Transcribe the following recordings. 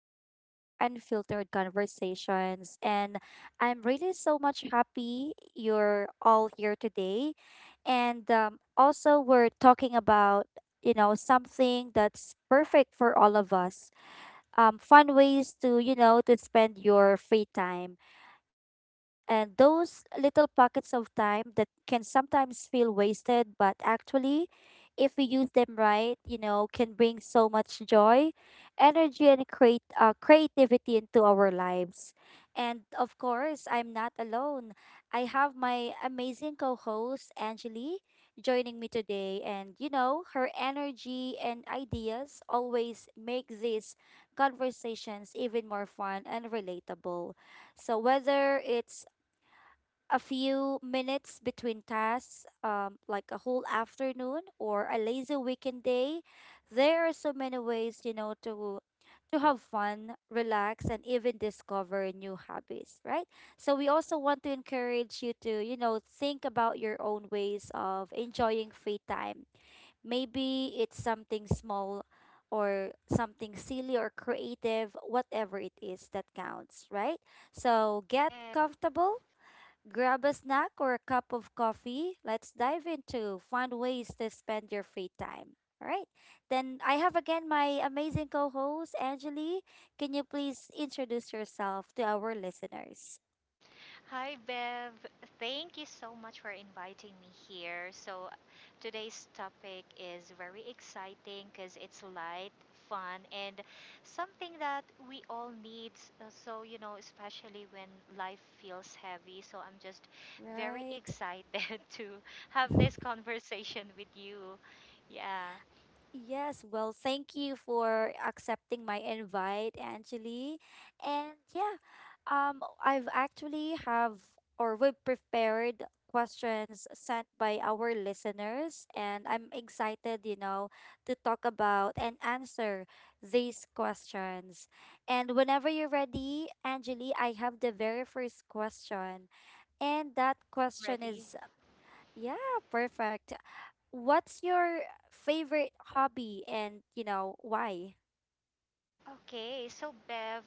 back to Unfiltered Conversations. And I'm really so much happy you're all here today. And also, we're talking about, something that's perfect for all of us, fun ways to spend your free time. And those little pockets of time that can sometimes feel wasted, but actually, if we use them right, can bring so much joy, energy, and create creativity into our lives. And of course, I'm not alone. I have my amazing co-host Angeli joining me today, and her energy and ideas always make these conversations even more fun and relatable. So whether it's a few minutes between tasks, like a whole afternoon or a lazy weekend day, there are so many ways, to have fun, relax, and even discover new hobbies, right? So we also want to encourage you to, think about your own ways of enjoying free time. Maybe it's something small or something silly or creative, whatever it is that counts, right? So get Yes. comfortable, grab a snack or a cup of coffee. Let's dive into fun ways to spend your free time. All right. Then I have again my amazing co host, Angeli. Can you please introduce yourself to our listeners? Hi, Bev. Thank you so much for inviting me here. So, today's topic is very exciting because it's light, fun, and something that we all need. You know, especially when life feels heavy. So, I'm just very Right. excited to have this conversation with you. Yeah. Yes, well, thank you for accepting my invite, Angeli. And yeah, I've actually have or we've prepared questions sent by our listeners, and I'm excited, to talk about and answer these questions. And whenever you're ready, Angeli, I have the very first question, and that Yes, question ready. is. Yeah, perfect. What's your favorite hobby and, why? Okay, so Bev,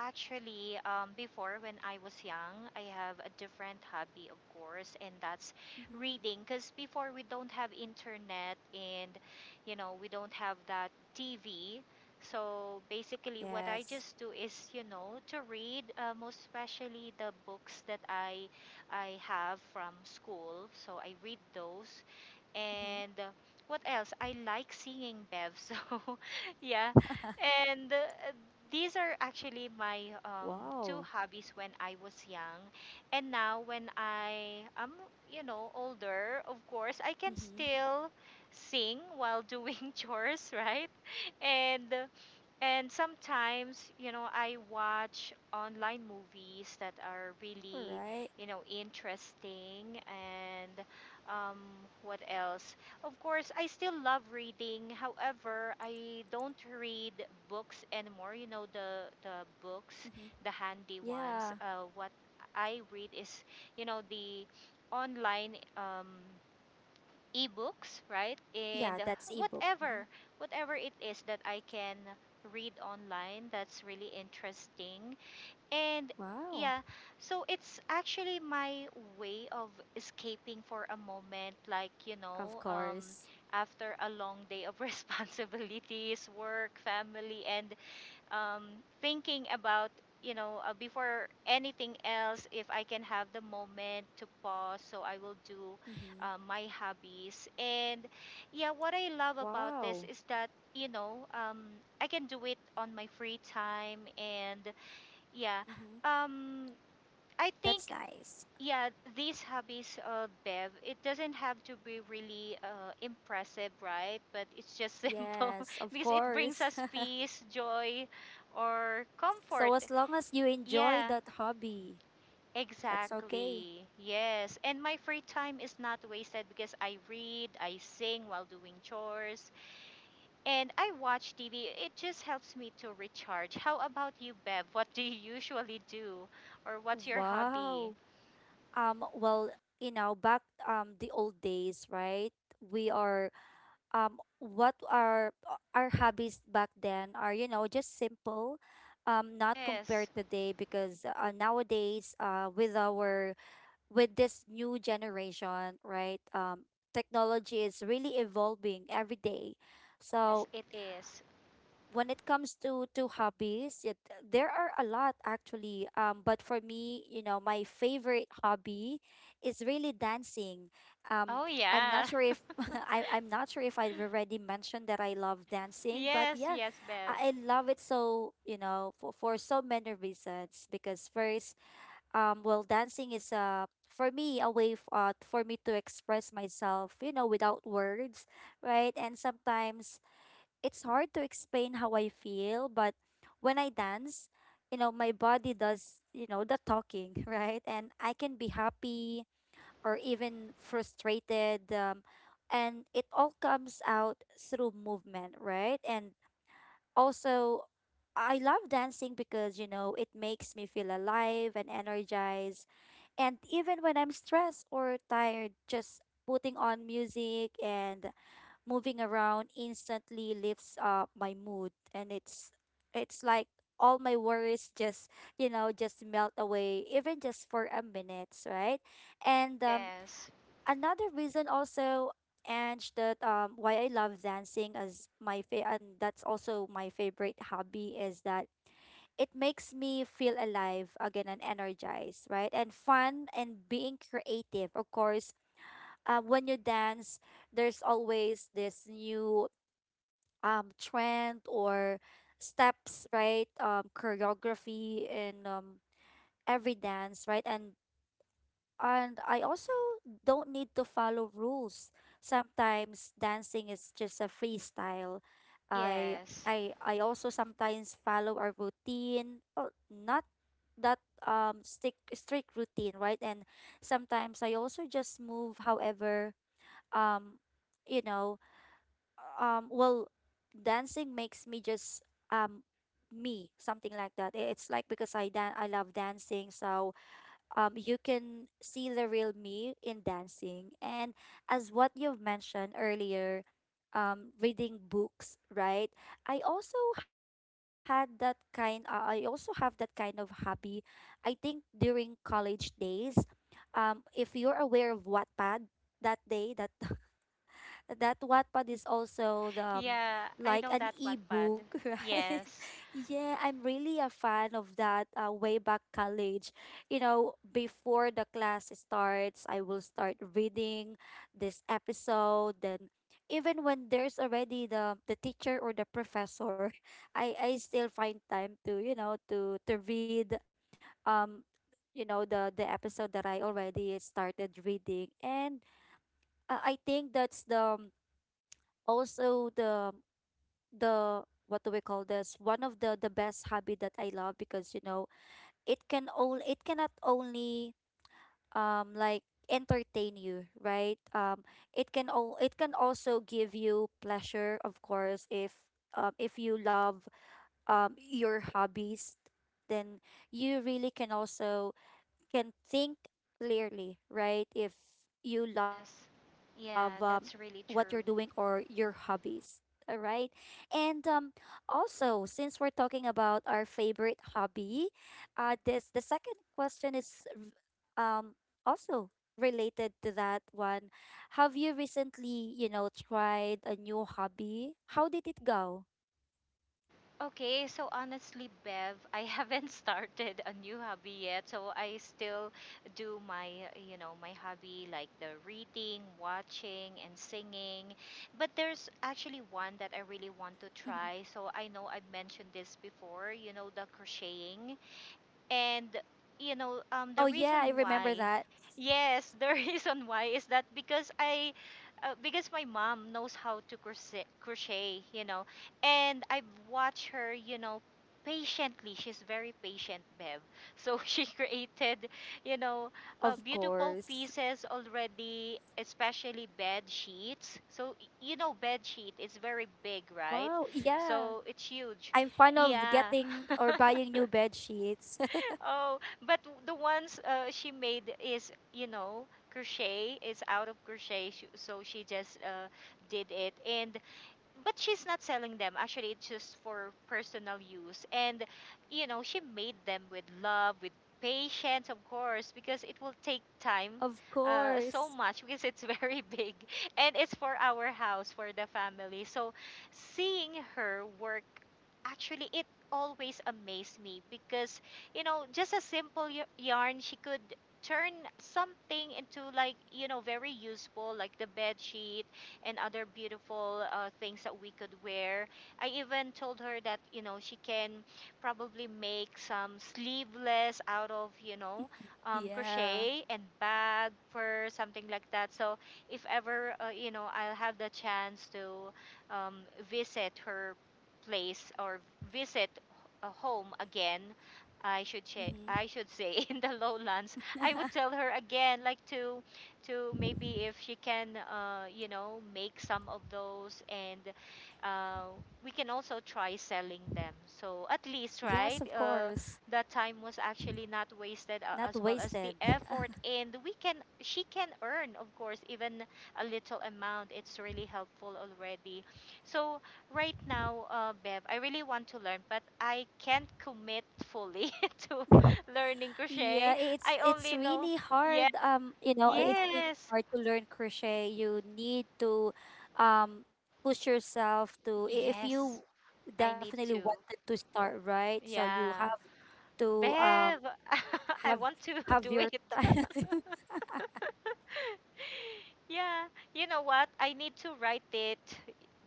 actually, before when I was young, I have a different hobby, of course, and that's Mm-hmm. reading. Because before we don't have internet and, you know, we don't have that TV. So basically, what Yes. I just do is, you know, to read, most especially the books that I have from school. So I read those, Mm-hmm. and what else? I like singing, Bev. So, yeah, and these are actually my two Wow. hobbies when I was young. And now when I am, you know, older, of course, I can Mm-hmm. still sing while doing chores, right? And uh, and sometimes, you know, I watch online All movies right. that are really, you know, interesting. And um, what else? Of course, I still love reading. However, I don't read books anymore. You know, the books, Mm-hmm. the handy ones. Yeah. What I read is, you know, the online. Ebooks, right? And Yeah, that's ebook. Mm-hmm. whatever, whatever it is that I can read online that's really interesting. And Wow. yeah, so it's actually my way of escaping for a moment, like, you Of know, course. after a long day of responsibilities, work, family, and um, thinking about you know before anything else if I can have the moment to pause so I will do Mm-hmm. My hobbies and yeah what I love about this Wow. is that you know I can do it on my free time and yeah Mm-hmm. um, I That's think nice. yeah these hobbies bev it doesn't have to be really impressive right but it's just simple Yes, of because it brings course. us peace joy or comfort So as long as you enjoy yeah that hobby, that's okay. exactly yes and my free time is not wasted because I read I sing while doing chores and I watch tv it just helps me to recharge how about you bev what do you usually do or what's your hobby Wow. Well, back the old days, right? We are, what are, our hobbies back then are, just simple, not yes. compared today, because nowadays, with this new generation, right? Technology is really evolving every day. So Yes, it is. when it comes to hobbies, there are a lot actually, but for me, my favorite hobby is really dancing. um Oh I'm not yeah. sure if I, I'm not sure if I've already mentioned that I love dancing, but Yes, yeah, yes, Bev. I love it. So, for so many reasons. Because first, well, dancing is a, for me, a way, for me to express myself, without words, right? And sometimes it's hard to explain how I feel, but when I dance, my body does, the talking, right? And I can be happy or even frustrated. And it all comes out through movement, right? And also, I love dancing because, you know, it makes me feel alive and energized. And even when I'm stressed or tired, just putting on music and moving around instantly lifts up my mood. And it's like all my worries just, just melt away even just for a minute, right? And Yes. another reason also, and that, why I love dancing and that's also my favorite hobby, is that it makes me feel alive again and energized, right? And fun and being creative. Of course, when you dance, there's always this new trend or steps, right? Choreography and every dance, right? And I also don't need to follow rules. Sometimes dancing is just a freestyle. I Yes. I also sometimes follow a routine, oh, not that stick strict routine, right? And sometimes I also just move however, um you know well, dancing makes me just, um me, something like that. It's like because I love dancing, so you can see the real me in dancing. And as what you've mentioned earlier, reading books, right? I also have that kind of hobby. I think during college days, if you're aware of Wattpad, that day that that Wattpad is also the, Yeah, I like know an that Wattpad. ebook, right? Yes. Yeah, I'm really a fan of that way back college. You know, before the class starts, I will start reading this episode. Then, even when there's already the teacher or the professor, I still find time to, to read, um, the episode that I already started reading. And I think that's the, also the, what do we call this, one of the best hobby that I love. Because, it cannot only, like, entertain you, right? It can also give you pleasure. Of course, if you love your hobbies, then you really can also can think clearly, right? If you love, Yes. What you're Yeah, doing that's or really your true. hobbies. All right. And also, since we're talking about our favorite hobby, this the second question is um, also related to that one. Have you recently, tried a new hobby? How did it go? Okay, so honestly, Bev, I haven't started a new hobby yet. So I still Mm-hmm. do my, you know, my hobby like the reading, watching, and singing. But there's actually one that Mm-hmm. I really want to try. So I know I've mentioned this before, you know, the crocheting. And you Oh, know, yeah, I the remember reason that. why, yes, the reason why is that because because my mom knows how to crochet, you know, and I've watched her, you know, patiently. She's very patient, Bev. So she created, Of you know, course. beautiful pieces already, especially bed sheets. So you know, bed sheet is very Wow. big, right? Yeah. So it's I'm fond huge. of getting Yeah. or buying new bed sheets. Oh, but the ones she made is, you know, crochet. It's out of crochet, so she just did it. And but she's not selling them. Actually, it's just for personal use. And, you know, she made them with love, with patience, of course, because it will take time Of so course. much because it's very big. And it's for our house, for the family. So seeing her work, actually, it always amazed me because, you know, just a simple yarn, she could turn something into like you know very useful like the bed sheet and other beautiful things that we could wear. I even told her that, you know, she can probably make some sleeveless out of, you know, Yeah. crochet and bag, purse, something like that. So if ever, you know, I'll have the chance to um, visit her place or visit a home again, I should say, Hmm. I should say in the lowlands, I would tell her again like to maybe if she can you know make some of those and uh, we can also try selling them so at least Yes, right of course. that time was actually not wasted Not as well as the wasted. effort and we can she can earn of course even a little amount it's really helpful already so right now bev I really want to learn but I can't commit fully to learning crochet Yeah, it's I it's only know really yeah hard. You know, it's really yes. hard to learn crochet. You need to um push yourself to, if you Yes, I need definitely to. wanted to start, right? So you Yeah. have to Bev, I have want to have do your it. time. Yeah, you know what? I need to write it.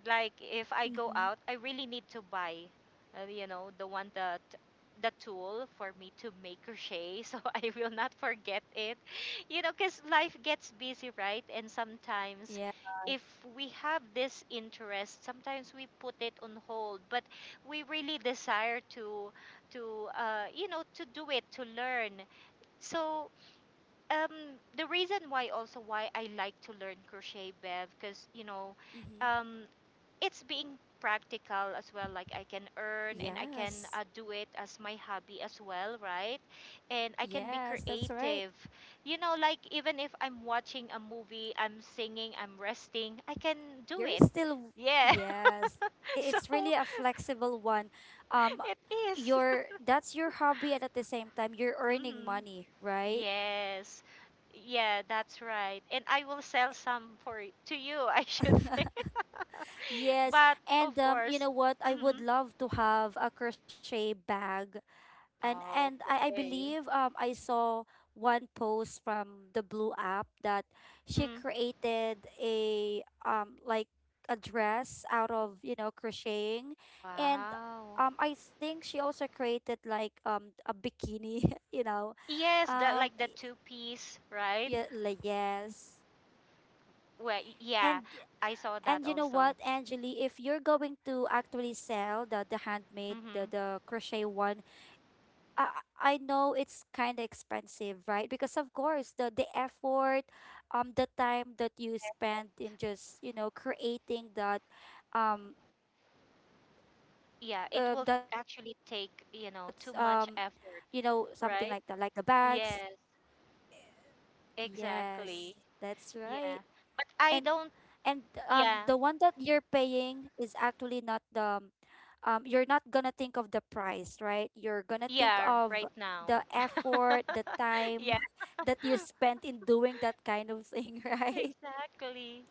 Like if I go Hmm. out, I really need to buy, you know, the one that the tool for me to make crochet so I will not forget it. You know, because life gets busy, right? And sometimes Yeah. if we have this interest, sometimes we put it on hold, but we really desire to you know to do it to learn so um, the reason why also why I like to learn crochet bev because you know Hmm. um, it's being practical as well like I can earn and I can Yes. Do it as my hobby as well right and I can be Yes, that's right. creative you know like even if I'm watching a movie I'm singing I'm resting I can do You're it still, w-, yeah yes. I- so It's really a flexible one. Um, it is. your that's your hobby, and at the same time, you're earning Mhm. money, right? Yes. Yeah, that's right. And I will sell some for to you, I should say. Yes. But And of you course, know what? I would hmm. love to have a crochet bag, and Oh, I okay. believe, I saw one post from the Blue app that she Mm-hmm. created a, like, a dress out of, you know, crocheting. And Wow. I think she also created, like, a bikini you know, Yes, that um like the two-piece, right? yeah, like, yes. Well, yeah, And I saw that you know also. what, Angeli, if you're going to actually sell the handmade, the, Mm-hmm. the crochet one, I I know it's kind of expensive, right? Because of course the effort, the time that Yeah, you spend in just, creating that, um, that's yeah, it will actually you know, take, you something know, too like the much effort, bags. right? Yes, Yes, that's exactly. right. Yeah. And But I and don't, the one yeah. that you're paying is actually not the you're not gonna think of the price, right? You're gonna think Yeah, of right now. the effort, the time Yeah, that you spent in doing that kind of thing, right? exactly.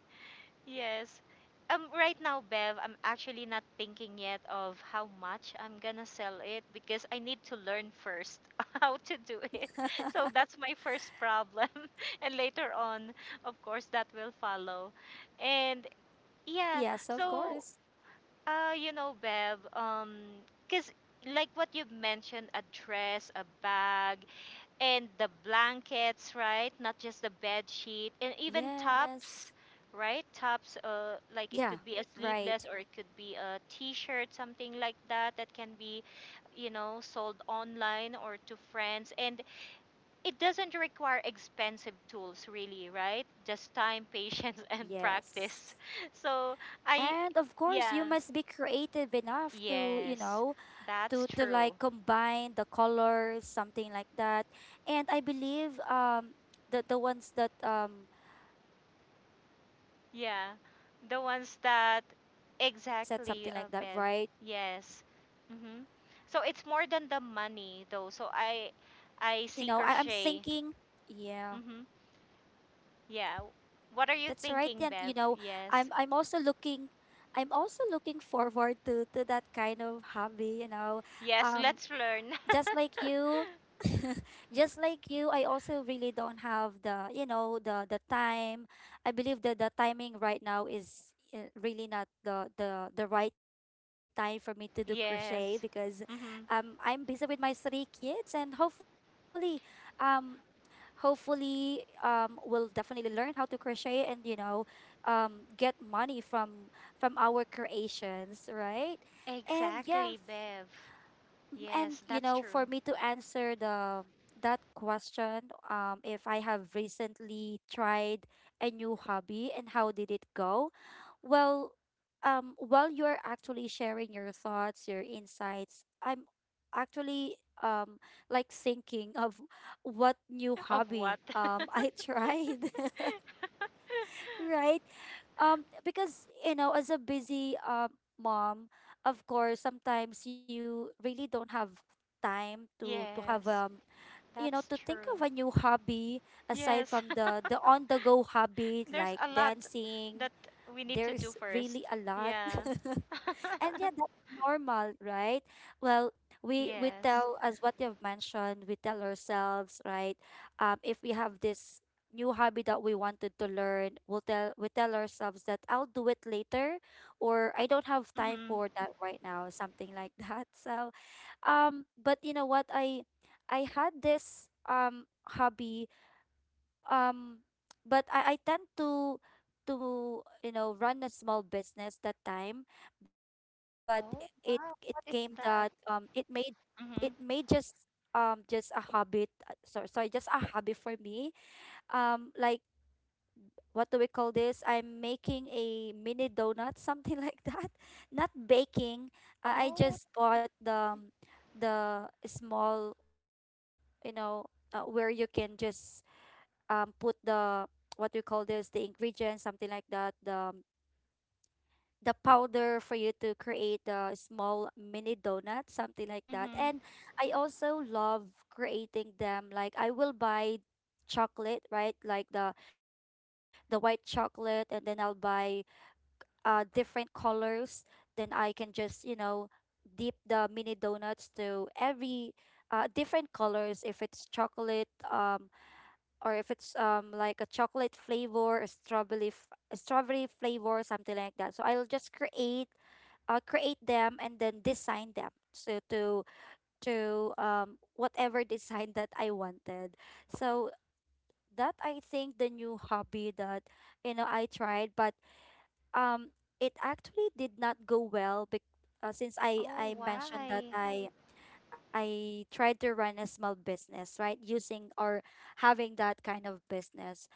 Yes. Right now, Bev, I'm actually not thinking yet of how much I'm gonna sell it because I need to learn first how to do it. So that's my first problem. And later on, of course, that will follow. And Yes, of yeah, course. so you know, Bev, because like what you've mentioned, a dress, a bag, and the blankets, right? Not just the bed sheet, and Yes. even tops, right? Tops, Yeah, like it could right. be a sleeveless or it could be a t-shirt, something like that, that can be, you know, sold online or to friends. And it doesn't require expensive tools, really, right? Just time, patience, and Yes. practice. So And I, of course, you yeah, must be creative enough to, you yes, know, to that's to true. like combine the colors, something like that. And I believe, the ones that, they are selling, like Yeah, the the cover ones that of the headset, something like exactly, that, Bev. right? Yes. Mm-hmm. So it's more than the money, though. So You know, I, i'm I thinking. see crochet. Yeah, Mm-hmm. Yeah. What are that's you right. And, thinking, Bev? I'm Yes. i'm also looking, I'm also looking forward to that kind of hobby, you know, Yes. um Let's learn. just like you, just like you, I also really don't have the, the time. I believe that the timing right now is, really not the right time for me to do crochet, because Yes. Mm-hmm. I'm busy with my three kids. And hopefully, um will definitely learn how to crochet and, you know, get money from our creations, right? And yeah, Exactly, Bev. and Yes, you that's know, true. for me to answer the, that question, if I have recently tried a new hobby and how did it go? Well, while you're actually sharing your thoughts, your insights, I'm actually, um like, thinking of what new Of hobby, what? I tried. Right? Because, as a busy, mom, of course, sometimes you really don't have time to have, Yes, that's to think true. of a new hobby aside Yes. from the on the go hobby, There's like a lot dancing. that we need to do There's first. really a lot. Yeah. And yeah, that's normal, right? Well, we Yes. tell, as what you've mentioned, we tell ourselves, right? If we have this new hobby that we wanted to learn, we tell ourselves that I'll do it later, or I don't have time Mm-hmm. for that right now, something like that. So, but you know what? I had this hobby um but I tend to you know run a small business that time. But it Oh, came wow. that What is that? it made it made Mm-hmm. just just a habit, sorry, just a hobby for me. Like, what do we call this, I'm making a mini donut, something like that, not baking. I Oh. just bought the small, you know, where you can just put the, what we call this, the ingredients, something like that, the powder for you to create the small mini donut, something like that. Mm-hmm. And I also love creating them, like I will buy chocolate, right, like the white chocolate, and then I'll buy different colors. Then I can just, you know, dip the mini donuts to every different colors, if it's chocolate, or if it's like a chocolate flavor, a a strawberry flavor, something like that. So I'll just create them and then design them. So to whatever design that I wanted. So that, I think, the new hobby that, you know, I tried, but um it actually did not go well, because since I Oh, I mentioned that why? I tried to run a small business, right? Using or having that kind of business.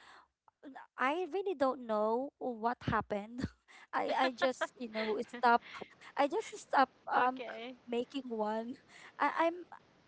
I really don't know what happened. I just, you know, stop. I just stop Okay. making one. I, I'm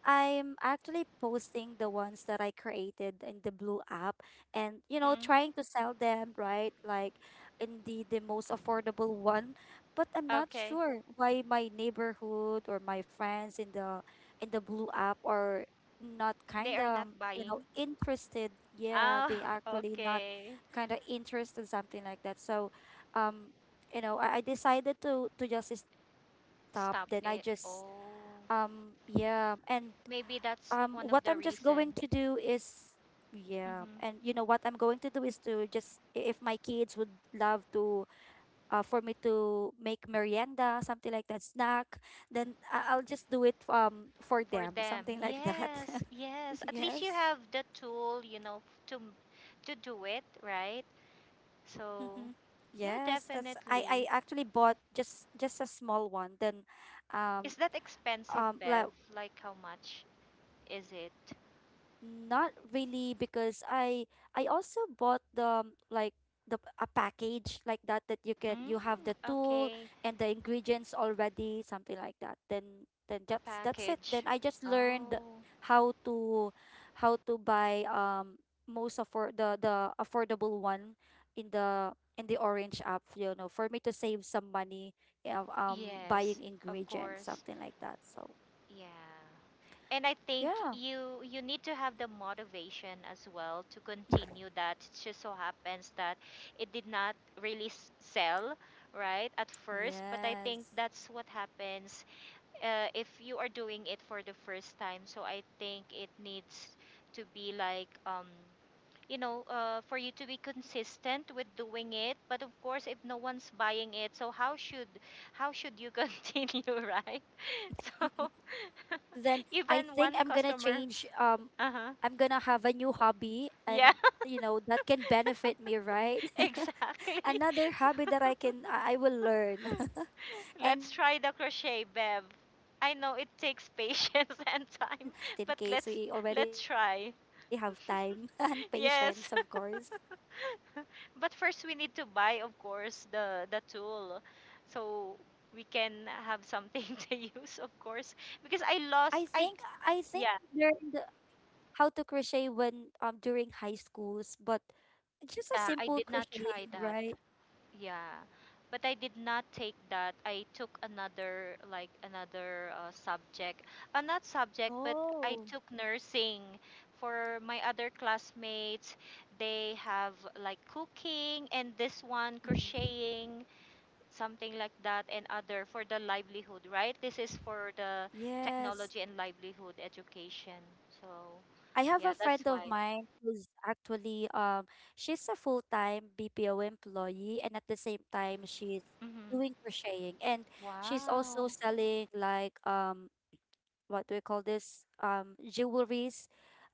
I'm actually posting the ones that I created in the blue app, and you know, Mm-hmm. trying to sell them, right, like in the most affordable one. But I'm not Okay. sure why my neighborhood or my friends in the blue app are not They kind are not of, you know, buying. interested. Yeah, Ah. they actually not Okay. kind of interest and something like that. So, um you know, I decided to just stop. Then I just, Stop it. Oh. Yeah. And Maybe what that's I'm one just of the going to reason. do is, yeah, and you Mm-hmm. know what I'm going to do is to just, if my kids would love to, for me to make merienda, something like that, snack, then I'll just do it for For them, them. something like that. Yes, yes. At least you Yes. have the tool, you know, to do it, right? Mm-hmm. So, yeah, Yes, that's, I definitely. actually bought just a small one. Then um Is that expensive, like, Bev? Like how much is it? not really, because I also bought the like, the a package like that, that you can, you have the Mm, tool okay. and the ingredients already, something like that. Then It's a that's it. Then package. I just learned Oh, how to how to buy, most afford, the affordable one in the orange app, you know, for me to save some money. Yeah, buying yes, of ingredients, course. something like that. So Yeah. And I think yeah. you need to have the motivation as well to continue that. It just so happens that it did not really sell right at first, but I Yes. think that's what happens if you are doing it for the first time. So I think it needs to be like you know, for you to be consistent with doing it. But of course, if no one's buying it, so how should you continue, right? So Then I think even I'm gonna one change. customer, uh huh, I'm gonna have a new hobby, and yeah, you know that can benefit me, right? exactly. Another So, hobby that I can I will learn, and let's try the and crochet, crocheting Bev. is the top I know it least, is the takes priority, patience and right? time, Just in but case we let's already have let's time try. and patience, of course. Yes. But first we need to buy, of course, the tool so we can have something to use, of course. Because I I lost think I I think Yeah, I learned how to crochet when, during high schools, but just a yeah, I simple did not try crocheting, that. right? Yeah. But I did not take that. I took another like another subject. Not subject, but I Oh. took nursing for my other classmates. They have like cooking and this one Mhm. crocheting. Something like that, and other for the livelihood, right? This is for the Yes. technology and livelihood education. So, I have yeah, a that's friend of why. mine who's actually, she's a full-time BPO employee, and at the same time she's Mm-hmm. doing crocheting, and she's also Wow. selling, like, what do we call this, jewelry.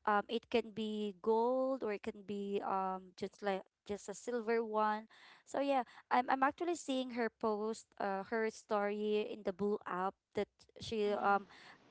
It can be gold or it can be, just like, just a silver one. So yeah. I'm actually seeing her post, her story in the blue app, that she, Mm-hmm.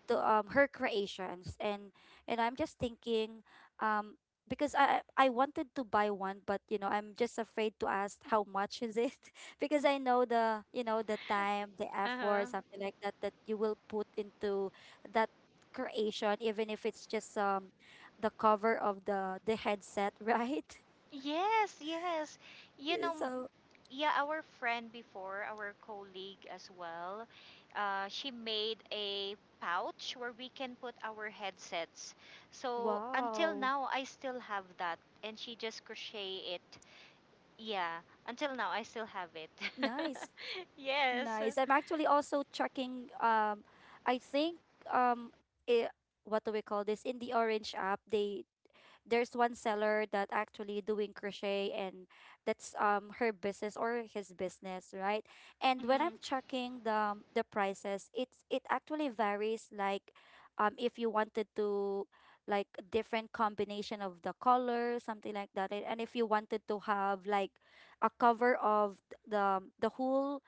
the her creations. And I'm just thinking, um because I wanted to buy one, but you know, I'm just afraid to ask how much is it, because I know the, you know, the time, the effort, Uh-huh. something like that, that you will put into that creation, even if it's just the cover of the headset, right? Yes, yes. You Yeah. know, So yeah, our friend before, our colleague as well, she made a pouch where we can put our headsets. So until wow, now, I still have that, and she just crochet it. Yeah, until now I still have it. nice, nice. Yes. I'm actually also checking. I think, um, it, what do we call this in the Orange app? They There's one seller that actually doing crochet, and that's, her business or his business, right? And when I'm Mhm. checking the prices, it actually varies, like, if you wanted to, like, different combination of the color, something like that. And if you wanted to have like a cover of the whole,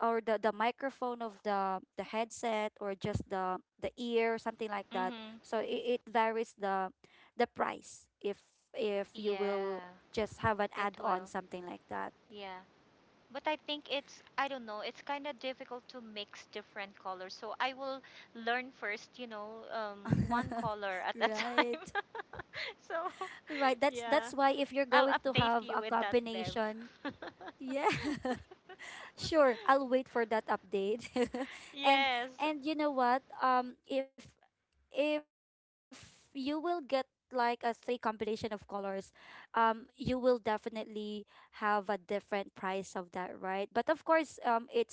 or the microphone of the headset, or just the ear, something like that. Mhm. So it varies the price, if you will Yeah, just have an it add-on, will. something like that. Yeah. But I think it's I don't know, it's kind of difficult to mix different colors. So I will learn first, one color at a time. Right, So, right, that's yeah. that's why, if you're I'll going to update have you a with that, Bev. combination. Yeah. Sure, I'll wait for that update, and Yes. and you know what, if you will get like a three combination of colors, you will definitely have a different price of that, right? But of course, it's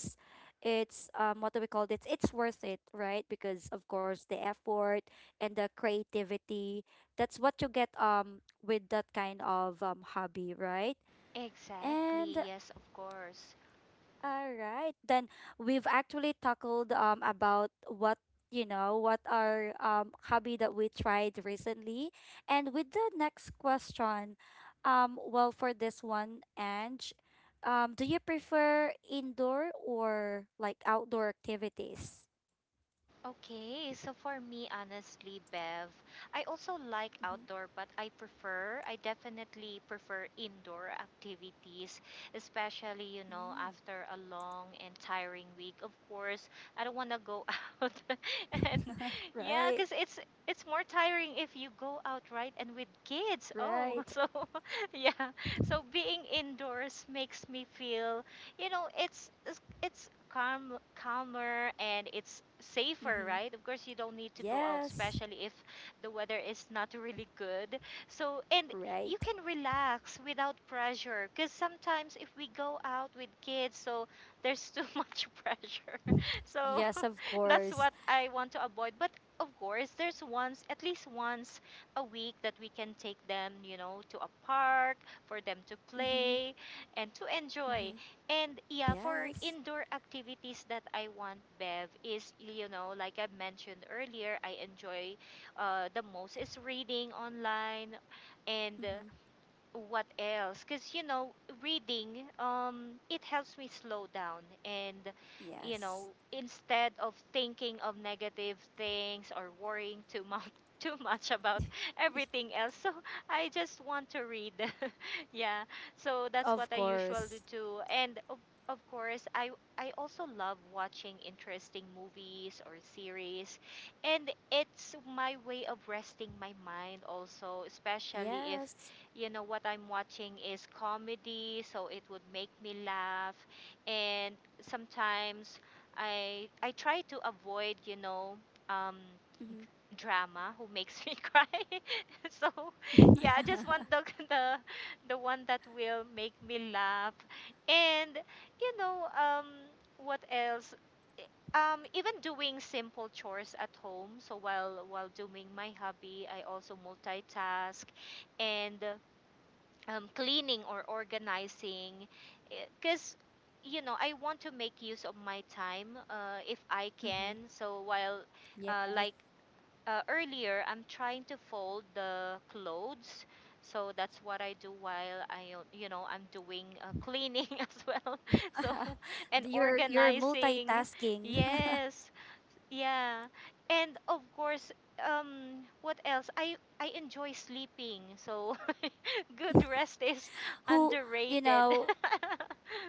it's what do we call this? It's worth it, right? Because of course the effort and the creativity, that's what you get with that kind of hobby, right? Exactly. And Yes, of course. all right. Then we've actually tackled about what, you know, what our hobby that we tried recently. And with the next question, well, for this one, Ange, do you prefer indoor or like outdoor activities? Okay, so for me, honestly, Bev, I also like Mm-hmm. outdoor, but I definitely prefer indoor activities, especially, you Mm. know, after a long and tiring week. Of course, I don't want to go out. And yeah, Right. because it's more tiring if you go out, right? And with kids. Oh, Right. so yeah. So being indoors makes me feel, you know, it's calmer and it's safer, Mm-hmm. right? Of course you don't need to go out, Yes. especially if the weather is not really good. So and you Right. can relax without pressure, because sometimes if we go out with kids, so there's too much pressure so Yes, of that's what course. I want to avoid. But of course there's once at least once a week that we can take them, you know, to a park for them to Mm-hmm. play and to enjoy. Mm-hmm. And yeah, for Yes. indoor activities that I want, Bev, is, you know, like I mentioned earlier, I enjoy the most is reading online, and Mm-hmm. what else, because you know reading it helps me slow down and, you know, Yes. instead of thinking of negative things or worrying too much too much about everything else. So I just want to read. Yeah, so that's what I Of usually do. course. And of course I also love watching interesting movies or series, and it's my way of resting my mind also, especially if you Yes. know what I'm watching is comedy, so it would make me laugh. And sometimes I try to avoid, you know, um, Mm-hmm. drama who makes me cry. So yeah, I just want the the the one that will make me laugh. And you know, what else? Even doing simple chores at home. So while doing my hobby, I also multitask, and cleaning or organizing, because you know I want to make use of my time if I can. Mm-hmm. So while Yeah. like earlier I'm trying to fold the clothes, so that's what I do while I, you know, I'm doing cleaning as well. So and You're organizing. multitasking. Yes. Yeah. And of course, what else? I enjoy sleeping. So good rest is Who, you underrated. know,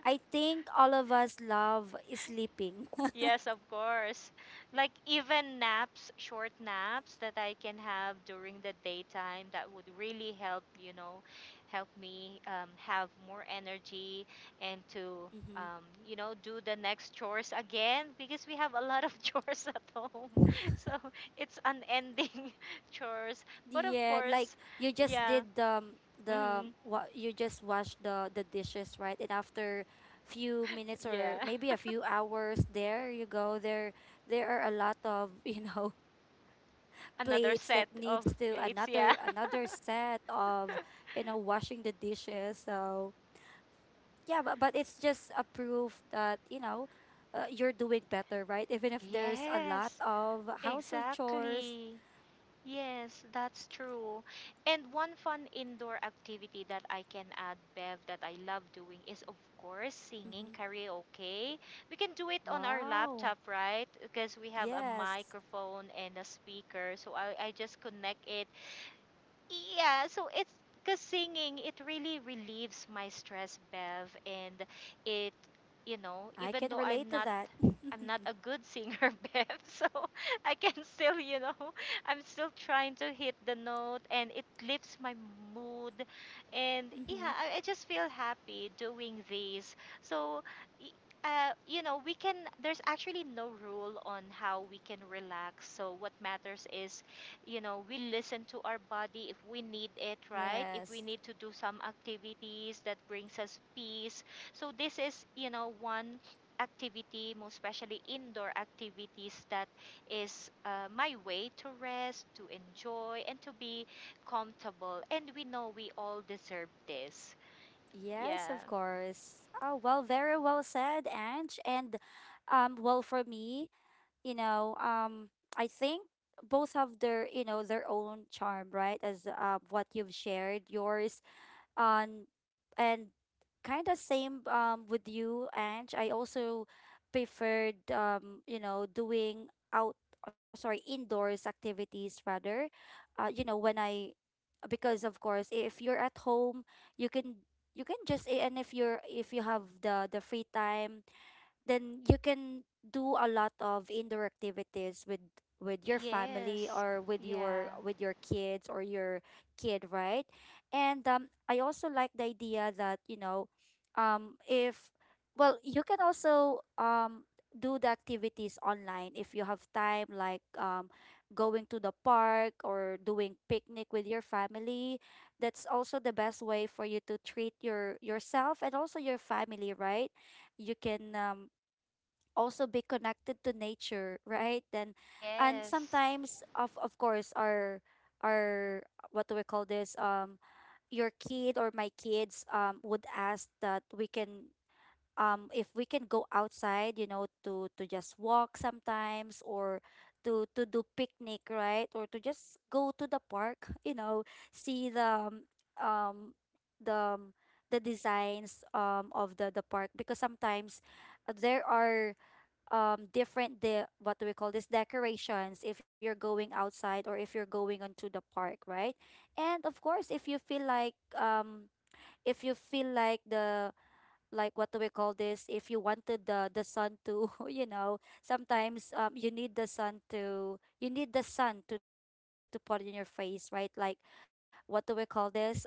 I think all of us love sleeping. Yes, of course. Like even naps, short naps that I can have during the daytime, that would really help, you know, help me, have more energy and to, Mm-hmm. You know, do the next chores again, because we have a lot of chores at home. So it's unending chores. But of Yeah, like course, you just yeah. did the Hmm. what you just washed the dishes, right? And after few minutes, or Yeah. maybe a few hours, there you go, there are a lot of you know Another plates that set needs of to, plates, another yeah. another set of, you know, washing the dishes. So yeah, but it's just a proof that, you know, you're doing better, right, even if there's a lot Yes, of household chores. exactly. Yes, that's true. And one fun indoor activity that I can add, Bev, that I love doing is, of course, singing Hmm. karaoke. We can do it on our Wow. laptop, right? Because we have a Yes, microphone and a speaker. So I just connect it. Yeah, so it's because singing, it really relieves my stress, Bev, and it, you know, I can even though relate I'm to not that. I'm not Hmm. a good singer, Bev, so I can still, you know, I'm still trying to hit the note, and it lifts my mood, and yeah, I just feel happy doing these. So. Y- You know, we can, there's actually no rule on how we can relax. So, what matters is, you know, we listen to our body if we need it, right? If we Yes. need to do some activities that brings us peace. So this is, you know, one activity, most especially indoor activities, that is, my way to rest, to enjoy, and to be comfortable. And we know we all deserve this. Yes, Yeah. of course. Oh, well, very well said, Ange, and well, for me, you know, I think both have their, you know, their own charm, right? As, what you've shared, yours on, and kind of same with you, Ange. I also preferred, you know, doing out, sorry, indoors activities rather. You know, when I, because of course if you're at home, you can just, and if you have the free time, then you can do a lot of indoor activities with your family, Yes. or with your Yeah. Kids or your kid, right? And I also like the idea that, you know, if, well, you can also do the activities online if you have time, like going to the park or doing picnic with your family. That's also the best way for you to treat your yourself and also your family, right? You can also be connected to nature, right? Then and Yes, sometimes of course our what do we call this? Your kid or my kids would ask that we can, if we can go outside, you know, to just walk sometimes, or to do picnic, right? Or to just go to the park, you know, see the, um, the um, the designs of the park, because sometimes, there are different, the what do we call this, decorations if you're going outside or if you're going onto the park, right? And of course if you feel like, if you feel like the like what do we call this, if you wanted the sun to, you know, sometimes, you need the sun to put in your face, right, like, what do we call this,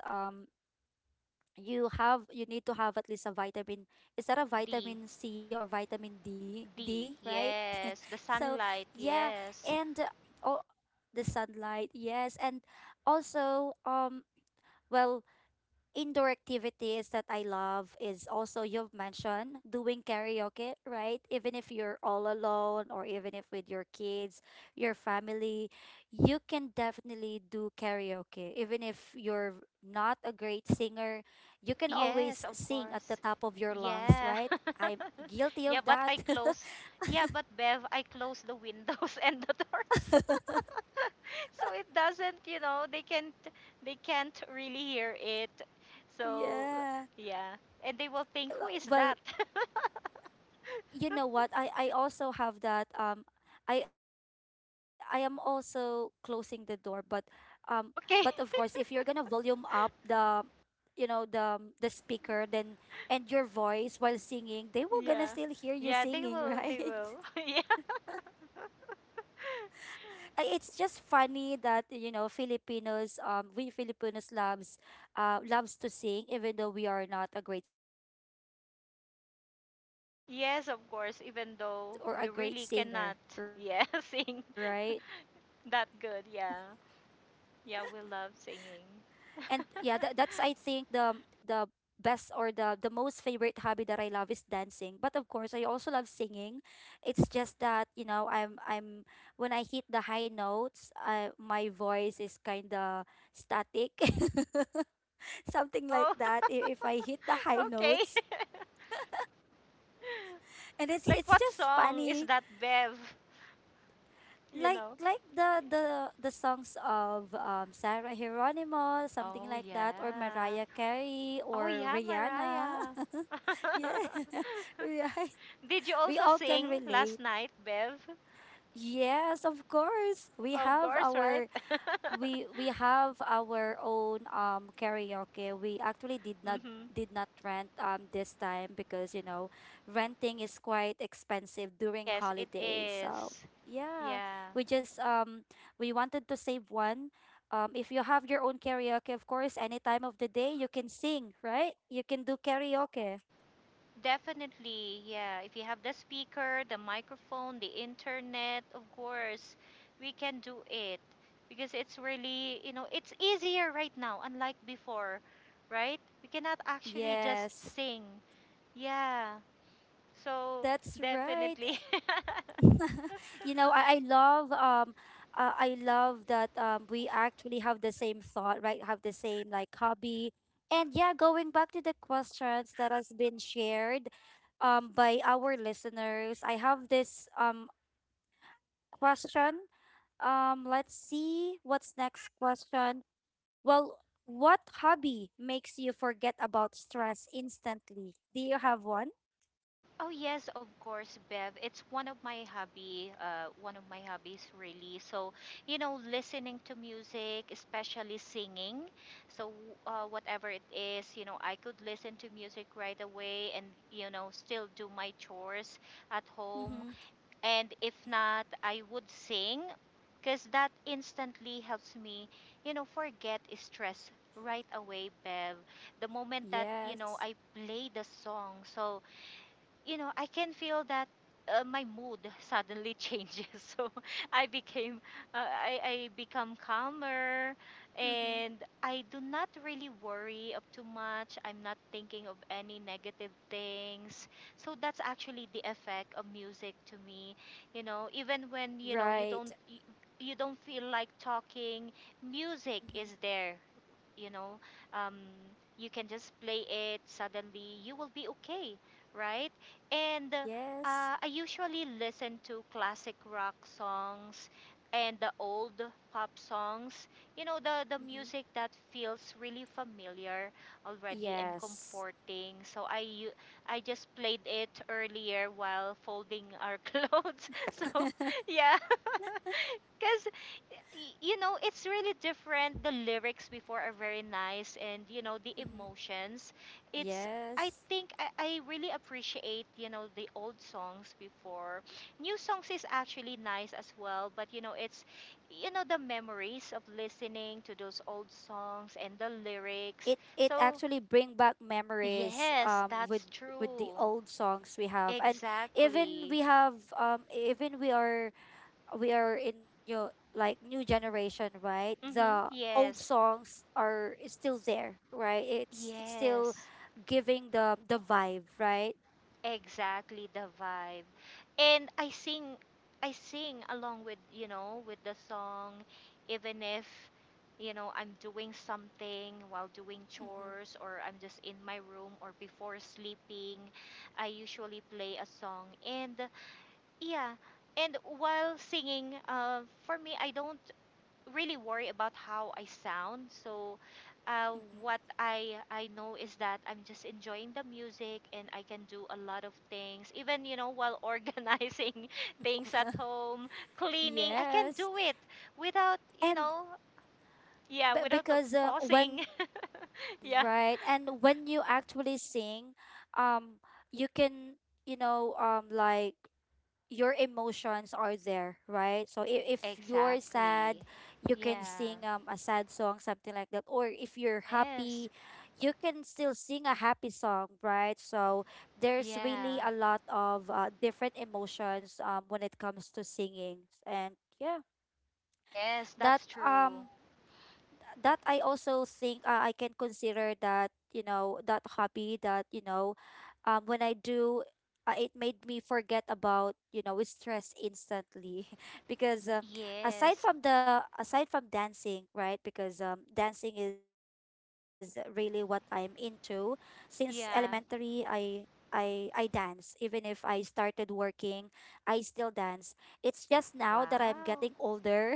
you have, you need to have at least a vitamin. Is that a the vitamin C, or vitamin d the d right? yes the So sunlight, yeah. yes. And, oh, the sunlight, yes. And also, well, indoor activities that I love is also, you've mentioned doing karaoke, right? Even if you're all alone, or even if with your kids, your family, you can definitely do karaoke. Even if you're not a great singer, you can Yes, of always sing course. at the top of your Yeah. lungs, right? I'm Yeah, guilty but of I that. close. Yeah, but Bev, I close the windows and the doors. So it doesn't, you know, they can't really hear it. So Yeah. yeah, and they will think, who is Well, that? you know what, I also have that I am also closing the door, but um of course if Okay. you're gonna volume up the, the speaker, then and your voice while singing, they will gonna Yeah. still hear you Yeah, they singing, will they right? will. Yeah. It's just funny that, you know, filipinos we Filipinos loves to sing, even though we are not a great singer. But, you know, Filipinos are known to be, Yes, of you know, a course, even good or though a we great really singer, cannot, right? yeah, sing that good, yeah. Yeah, we love And yeah, singing. that's I think the, the best or the most favorite hobby that I love is dancing, but of course I also love singing. It's just that, you know, I'm when I hit the high notes, my voice is kind of static, something like Oh, that. If I hit the high okay. notes, and it's Like it's what just song is funny, that, Bev? You like, know? The songs of Sarah Geronimo, something Oh, like that, or yeah. Mariah Carey Oh, or yeah, Rihanna. Mariah. yeah, right. Did you We also all can sing relate. last night, Bev? Yes, of course. We Of have course, right? our, we have our own karaoke. We actually Hmm. did not rent this time because, you know, renting is quite expensive during Yes, it holidays. So is. yeah, Yeah, we just um we wanted to save one. If you have your own karaoke, of course, any time of the day you can sing, right? You can do karaoke. definitely. Yeah, if you have the speaker, the microphone, the internet, of course, we can do it, because it's really, you know, it's easier right now, unlike before, right? We cannot actually just Yes, sing. Yeah, so that's right. definitely. you know, I love I love that we actually have the same thought, right? Have the same, like, hobby. And yeah, going back to the questions that has been shared by our listeners, I have this question. Let's see what's next question. Well, what hobby makes you forget about stress instantly? Do you have one? Oh yes, of course, Bev. It's one of my hobby, one of my hobbies really. So, you know, listening to music, especially singing. So, whatever it is, you know, I could listen to music right away and, you know, still do my chores at home. Mhm. And if not, I would sing, because that instantly helps me, you know, forget stress right away, Bev. The moment that, you know, Yes. I play the song. So, you know, I can feel that my mood suddenly changes. So I became, uh, I become calmer, Mhm. and I do not really worry of too much. I'm not thinking of any negative things. So that's actually the effect of music to me. You know, even when you know Right. You don't feel like talking, music Mhm. is there. You know, um, you can just play it. Suddenly, you will be okay, right? And Yes. I usually listen to classic rock songs and the old pop songs. You know, the Mm-hmm. music that feels really familiar already and Yes. comforting. So I just played it earlier while folding our clothes. So, yeah. Because, you know, it's really different. The lyrics before are very nice, and, you know, the Mm-hmm. emotions. It's, I Yes. think, I, I really appreciate, you know, the old songs before. New songs is actually nice as well, but, you know, it's, you know, the memories of listening to those old songs and the lyrics. It So, actually bring back memories yes, with that's with the true. old songs we have. And even Exactly. we have, even we are in, you like, new generation, right? Mm-hmm. The old Yes. songs are, is still there, right? It's still Yes. giving the vibe, right? Exactly, the vibe. And I sing along with, you know, with the song, even if, you know, I'm doing something while doing Mm-hmm. chores or I'm just in my room or before sleeping, I usually play a song, and yeah, and while singing, for me I don't really worry about how I sound. So, uh, Mm-hmm. what I I know is that I'm just enjoying the music and I can do a lot of things. Even, you know, while organizing things at home, cleaning, I can yes. do it without, you And know, yeah, b- without the because pausing. when Yeah, right. And when you actually sing, um, you can, you know, like your emotions are there, right? So if, you're sad, exactly. you can Yeah. sing a sad song, something like that. Or if you're Yes. happy, you can still sing a happy song, right? So there's really Yeah. a lot of different emotions when it comes to singing. And yeah, Yes, that that's true. um that I also think, I can consider that, you know, that hobby that, you know, when I do, it made me forget about, you know, stress instantly, because, Yes. Aside from dancing, right? Because dancing is really what I'm into since elementary. Yeah. I dance even if I started working. I still dance. It's just now that I'm Wow. getting older.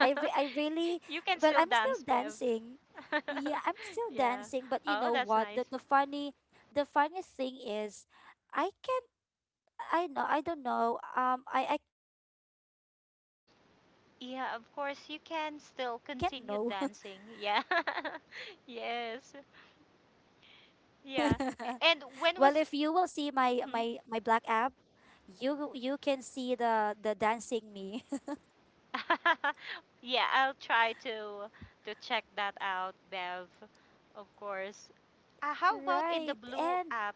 I really. You can Well, still I'm still dance, Bev. dancing. Yeah, I'm still Yeah. dancing, but you Oh, know that's what? nice. The funny, the funny thing is, I can't, I know, I don't know. I can't learn the steps, even it's just some Yeah, of course basic you can steps. still I really continue don't know. dancing. Yeah. Yes. Yeah. And when well, was, if you will see my mhm. my my black app, you can see the dancing me. Yeah, I'll try to check that out, Bev. Of course. How about in the right. blue And app?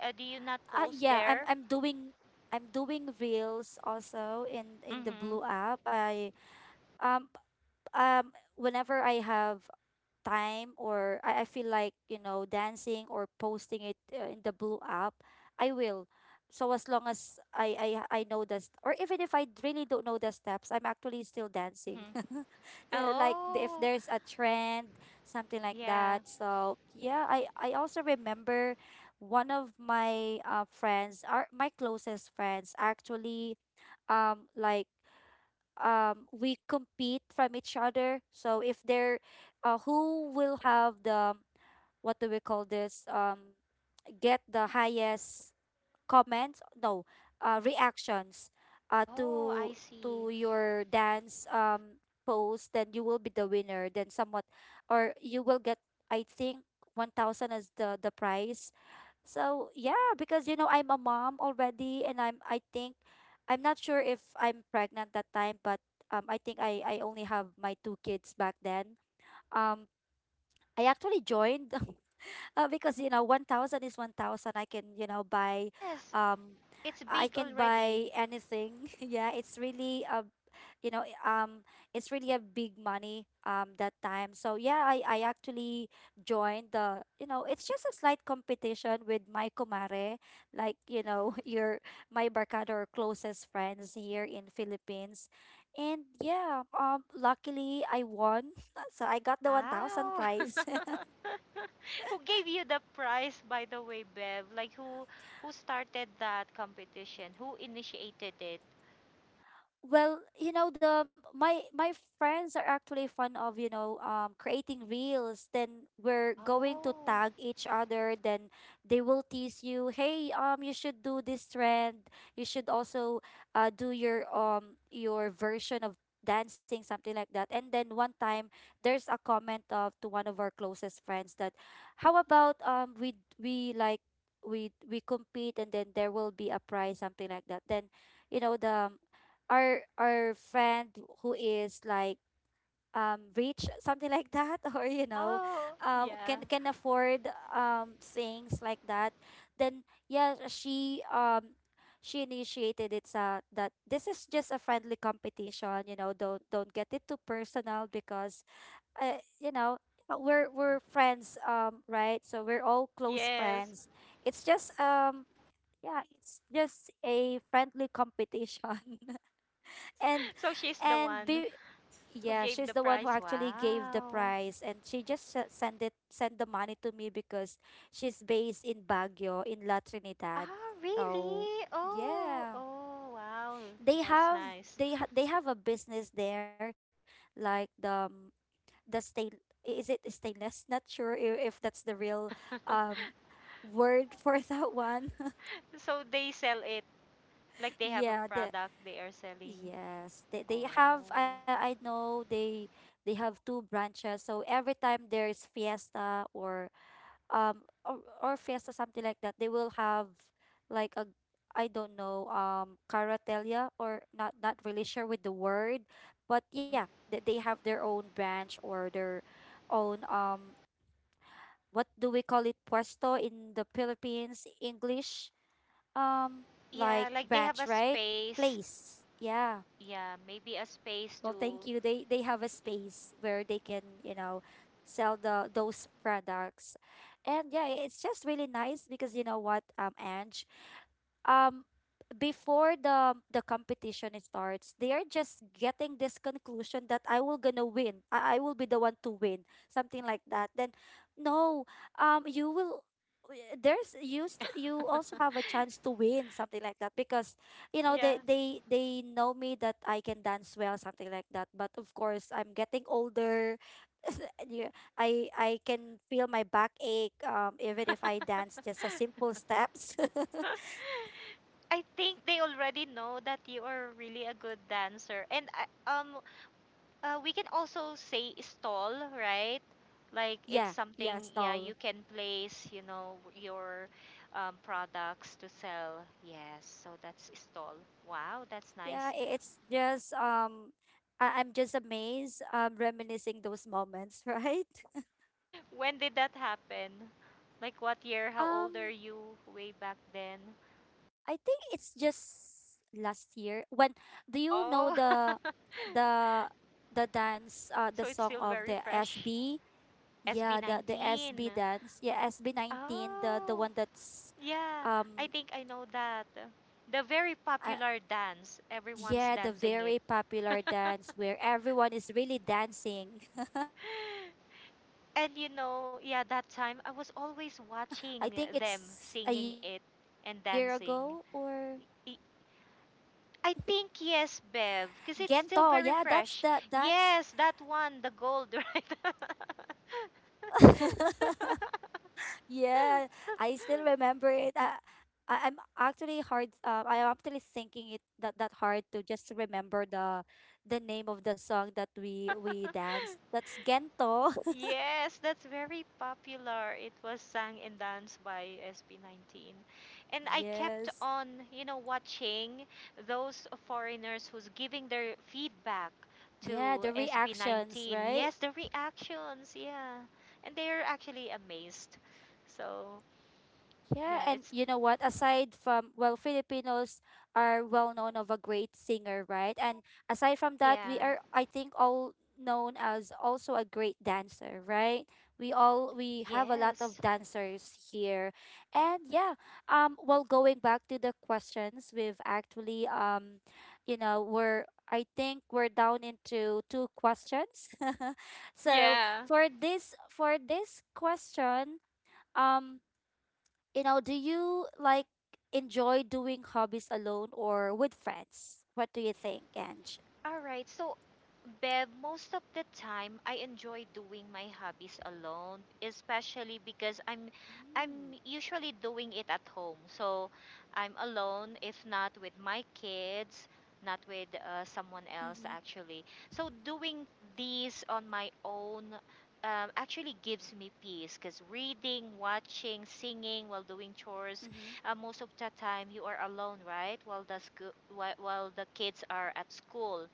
Do you not post yeah, there? I'm doing reels also in the Mhm. Blue app. I, um p- whenever I have time, or I feel like, you know, dancing or posting it, in the Blue app, I will. So as long as I know the, or even if I really don't know the steps, I'm actually still dancing. Mhm. Like, if Oh, there's a trend, something like yeah. that. So yeah, I also remember one of my friends, our my closest friends actually, like, we compete from each other. So if they're who will have the, what do we call this, get the highest comments, no, reactions, uh, Oh, to I see. to your dance post, then you will be the winner. Then somewhat, or you will get, I think, 1000 as the prize. So yeah, because, you know, I'm a mom already, and I think, I'm not sure if I'm pregnant that time, but I think I only have my two kids back then. Um, I actually joined. Because, you know, 1000 is 1000, I can, you know, buy, Yes, um it's I big can buy already. anything. yeah, it's really a, you know, it's really a big money that time. So yeah, I actually joined the, you know, it's just a slight competition with my kumare, like, you know, your my barkada or closest friends here in Philippines. And yeah, luckily I won, so I got the 1000 Wow. prize. Who gave you the prize, by the way, Bev? Like who started that competition? Who initiated it? Well, you know, the my friends are actually fond of, you know, creating reels. Then we're going to Oh. tag each other, then they will tease you, "Hey, you should do this trend. You should also do your version of dancing, something like that." And then one time, there's a comment of, to one of our closest friends, that, "How about we like we compete and then there will be a prize, something like that." Then, you know, the our friend who is, like, rich, something like that, or, you know, Oh, can yeah. can afford things like that. Then yeah, she initiated it, sa, that this is just a friendly competition. You know, don't get it too personal, because, you know, we're friends, right? So we're all close Yes. friends. It's just yeah, it's just a friendly competition. and So she's the and one be, who yeah, gave she's the the one who prize. actually gave the Wow. prize, and she just send it sent the money to me because she's based in Baguio, in La Trinidad. Ah, Oh really? Oh, yeah, oh, wow. they That's have nice. They have a business there, like, the stain, is it stainless, not sure if, that's the real um word for that one. So they sell it, like they have a yeah, the. product they are selling. Yes, they have, Oh. I know they have two branches. So every time there is fiesta, or fiesta, something like that, they will have, like, a, I don't know, caratelia, or, not really sure with the word, but yeah, Mhm. they have their own branch or their own, what do we call it, puesto in the Philippines English, um like Yeah, like they have branch, a right? space. Place. Yeah. Yeah, maybe a Well, space thank you. to. They have a space where they can, you know, sell the those products. And yeah, it's just really nice because, you know what, Ange, um, before the competition starts, they are just getting this conclusion that I will gonna win. I will be the one to win, something like that. Then, no, you will. There's, you also have a chance to win, something like that, because, you know, Yeah. they they they know me that I can dance well, something like that. But of course, I'm getting older. Yeah, I can feel my back ache even if I dance just a simple steps. I think they already know that you are really a good dancer, and um, we can also say stall, right? Like it's yeah, yeah, something, yeah, you stall. can place, you know, your products to sell. Yes, so that's stall. Wow, that's Yeah, nice. It's just I'm just amazed, reminiscing those moments, right? When did that happen? Like what year? How old are Um you way back I then? think it's just last year when. Do you know Oh. the the the dance, the So it's song still of the very fresh. SB? Yeah, the SB19. SB dance. Yeah, SB19, the Oh. one that's, Yeah, I um think I know that. The very uh, popular dance. Everyone's yeah, the dancing it. very popular dance where everyone is really dancing. They have their own And you version, know, yeah, something that like time I that. was So always yeah, I watching think them it's a singing year it ago, and or dancing. Y- I think yes, Bev, Gento. because it's Yeah, still that's very that. fresh. That's, Yes, that one, the gold, right? yeah. I still remember it. I'm actually hard. I am actually thinking it that hard to just remember the name of the song that we danced. That's Gento. Yes, that's very popular. It was sung and danced by SB19. And I kept yes. on, you know, watching those foreigners who's giving their feedback Yeah, to the reactions, SB19. right? Yes, the reactions, yeah. And they're actually amazed. So, Yeah, yeah, and it's you know what? Aside from, well, Filipinos are well known of a great singer, right? And aside from that, we yeah. are, I think, all known as also a great dancer, right? We have a lot of Yes. dancers here. And yeah, well, going back to the questions, we've actually, you know, we're I think we're down into two questions. so Yeah. for this, question, um you know, do you like enjoy doing hobbies alone or with friends? What do you think, Ange? All right. So, Bev, most of the time I enjoy doing my hobbies alone, especially because I'm Mm. I'm usually doing it at home. So, I'm alone if not with my kids, not with someone else Mm-hmm. actually. So, doing these on my own actually gives me peace because reading, watching, singing while doing chores, Mm-hmm. Most of the time you are alone, right? While the while the kids are at school.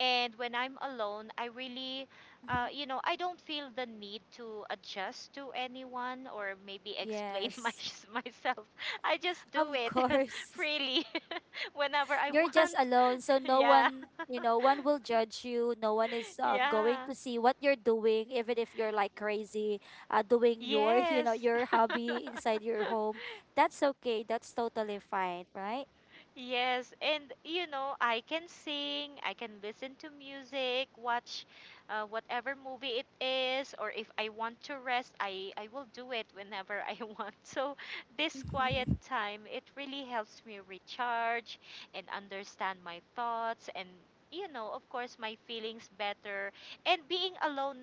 And when I'm alone, I really, Mm-hmm. I don't feel the need to adjust to anyone or maybe explain my, Yes. myself. I just do Of it course. freely whenever I You're just want. alone, so no Yeah, one, you know, one will judge you. No one is going yeah, to see what you're doing, even if you're, like, crazy, doing your, you know, yes. your hobby inside your home. That's okay. That's totally fine, right? Yes, and you know, I can sing, I can listen to music, watch whatever movie it is, or if I want to rest, I will do it whenever I want. So, this quiet time, it really helps me recharge and understand my thoughts and, you know, of course, my feelings better. And being alone,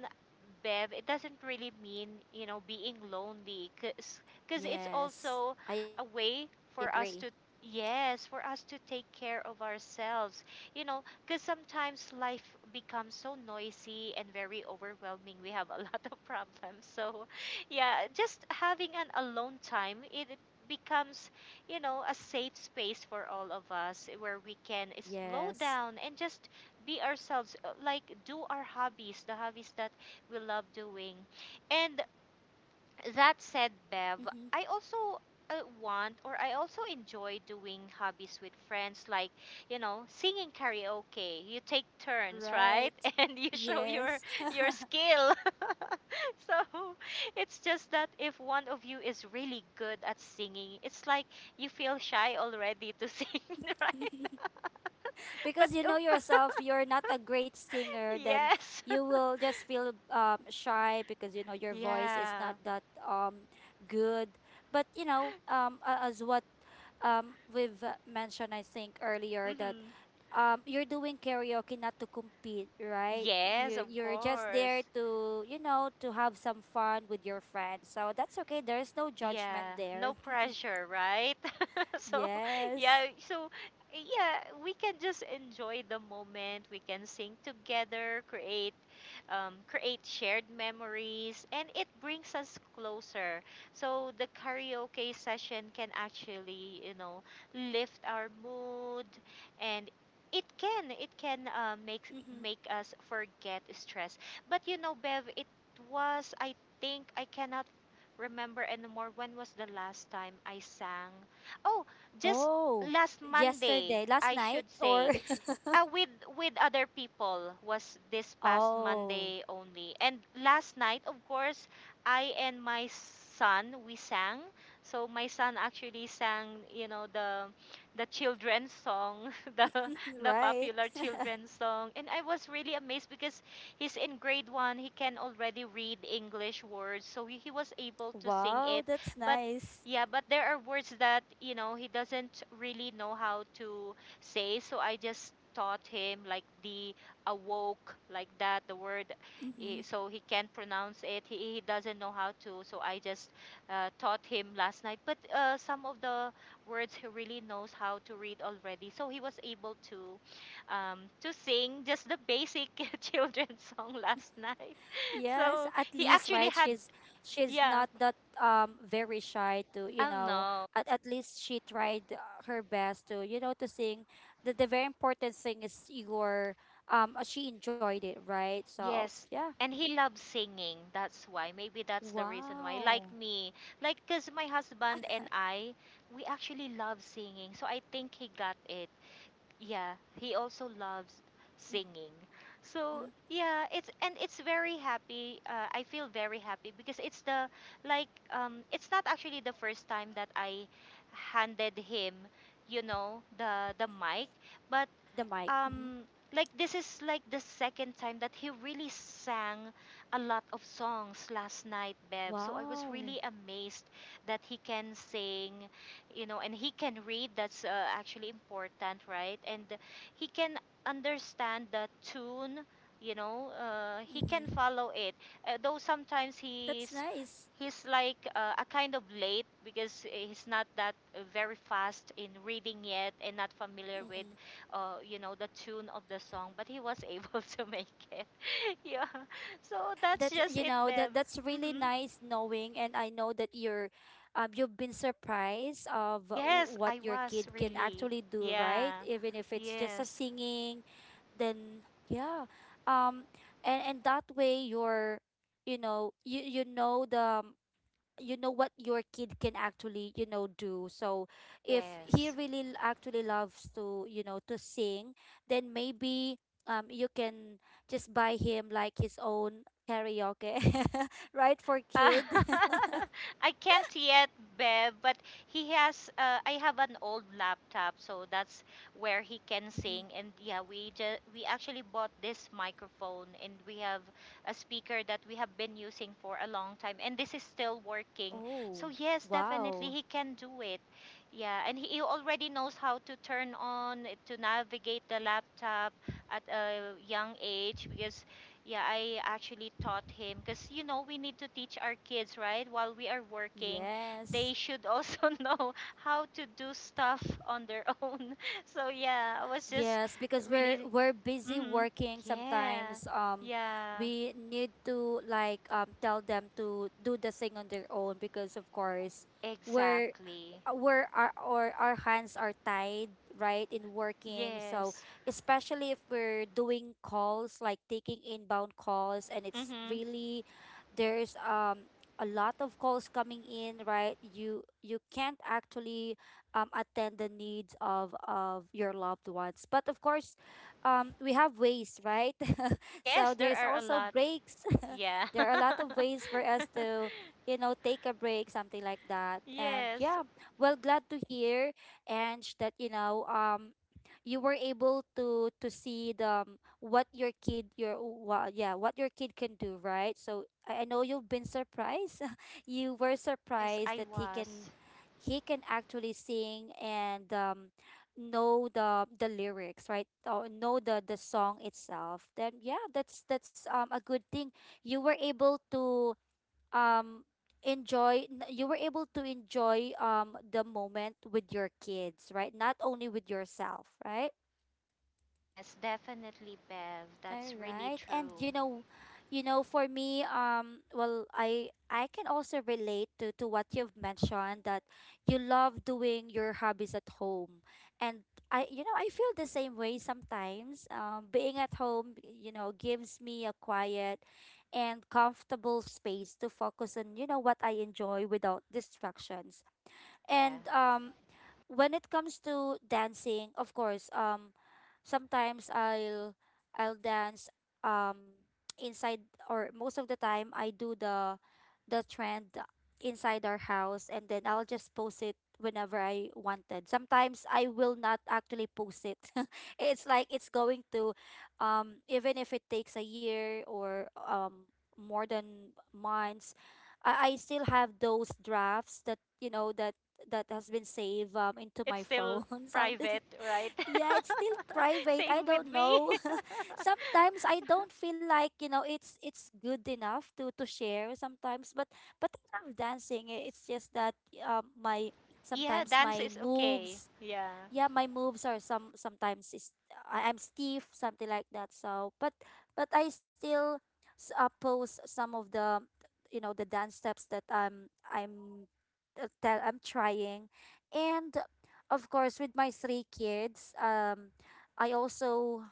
Bev, it doesn't really mean, you know, being lonely because it's yes. also I a agree. way for us to. Yes, for us to take care of ourselves. You know, because sometimes life becomes so noisy and very overwhelming. We have a lot of problems. So, yeah, just having an alone time, it becomes, you know, a safe space for all of us where we can slow Yes. down and just be ourselves, like do our hobbies, the hobbies that we love doing. And that said, Bev, I also uh, want or I also enjoy doing hobbies with friends, like, you know, singing karaoke. You take turns, right? Right. And you show Yes. your skill. So, it's just that if one of you is really good at singing, it's like you feel shy already to sing, right? But Because you know of- yourself, you're not a great singer, then yes. you will just feel shy because, you know, your voice is Yeah. not that good. But you know, as what we've mentioned, I think, earlier, that hmm you're doing karaoke not to compete, right? Yes, of You're just there course. to, you know, to have some fun with your friends. So that's okay. There's no Yeah, judgment there. no pressure, right? So, Yes. yeah, so yeah, we can just enjoy the moment. We can sing together, create shared memories, and it brings us closer. So the karaoke session can actually, you know, lift our mood, and it can Mm-hmm. make us forget stress. But you know, Bev, it was I think I cannot remember anymore when was the last time I sang. Oh, just Oh, last Monday, yesterday, last I night, should or say uh, with with other people was this past oh, Monday only. And last night, of course, I and my son we sang. So my son actually sang, you know, the children's song, the the right. popular children's song. And I was really amazed because he's in grade 1, he can already read English words. So he was able to sing Wow, it. that's But nice. yeah, but there are words that, you know, he doesn't really know how to say. So I just taught him like the awoke, like that, the word. Mm-hmm. So he can't pronounce it. He doesn't know how to. So I just taught him last night. But some of the words he really knows how to read already. So he was able to sing just the basic children's song last night. Yes, at So least, he right? actually She's had, she's not yeah, that um very shy to, you I don't know, know. At least she tried her best to, you know, to sing. The very important thing is your she enjoyed it, right? So, Yes, yeah. and he loves singing. That's why. Maybe that's the reason why. Like Wow. me, like because my husband and I, we actually love singing. So I think he got it. Yeah, he also loves Mm-hmm. singing. So yeah, it's and it's very happy. I feel very happy because it's the it's not actually the first time that I handed him, you know, the mic, but The mic. Mm-hmm. um like this is like the second time that he really sang a lot of songs last night, Bev, so I was Wow. really amazed that he can sing, you know, and he can read. That's actually important, right? And he can understand the tune, you know, he Mm-hmm. can follow it, though sometimes That's he's nice. he's like a kind of late because he's not that very fast in reading yet and not familiar with Mm-mm. You know, the tune of the song, but he was able to make it. Yeah. So that's That's just you it, know that Beb. that's really hmm nice knowing, and I know that you're, you've been surprised of Yes, what I your was kid can really. actually do, right? Yeah. Even if it's just a Yes. singing, then yeah, um, and that way you're, you know, you know the you know what your kid can actually you know do. So if he Yes. really actually loves to you know to sing, then maybe you can just buy him like his own karaoke, right, for Uh, kid. I can't yet, Bev, but he has. I have an old laptop, so that's where he can Mhm. sing. And yeah, we actually bought this microphone, and we have a speaker that we have been using for a long time, and this is still working. So Oh, yes, definitely wow. he can do it. Yeah, and he already knows how to turn on to navigate the laptop at a young age because yeah, I actually taught him because you know we need to teach our kids, right? While we are working, they Yes. should also know how to do stuff on their own. So yeah, I was just Yes, because we're really, we're busy mm, working. yeah, Sometimes yeah, we need to like tell them to do the thing on their own, because of course we're exactly. Where our or our hands are tied, right, in working. So Yes. especially if we're doing calls, like taking inbound calls, and it's Mm-hmm. really there's a lot of calls coming in, right? You can't actually attend the needs of your loved ones. But of course we have ways, right? So Yes, there there's are a also lot. breaks. Yeah. There are a lot of ways for us to you know take a break, something like that. And Yes. yeah, well, glad to hear, Ange, that you know, you were able to see the what your kid your, well, yeah, what your kid can do, right? So I know you've been surprised. You were Yes, surprised I that was. he can actually sing and know the lyrics, right? Or know the song itself. Then yeah, that's a good thing. You were able to um enjoy you were able to enjoy the moment with your kids, right? Not only with yourself, right? Yes, definitely, Bev. All That's really right. And true. You know, for me, well, I can also relate to what you've mentioned, that you love doing your hobbies at home. And I, you know, I feel the same way sometimes. Being at home, you know, gives me a quiet and comfortable space to focus on, you know, what I enjoy without distractions. Yeah. And when it comes to dancing, of course, sometimes I'll dance um inside, or most of the time I do the trend inside our house, and then I'll just post it whenever I wanted. Sometimes I will not actually post it. It's like it's going to even if it takes a year or more than months, I still have those drafts that you know that that has been saved into It's my still phone. Something, private, right? yeah, it's still private, I Same with don't me. know. Sometimes I don't feel like you know it's good enough to share sometimes, but I love dancing. It's just that my Yeah, sometimes dance my is okay. moves, Yeah. yeah, my moves are sometimes is I'm stiff, something like that. So, but I still post some of the you know the dance steps that I'm that that I'm trying, and of course with my three kids, I also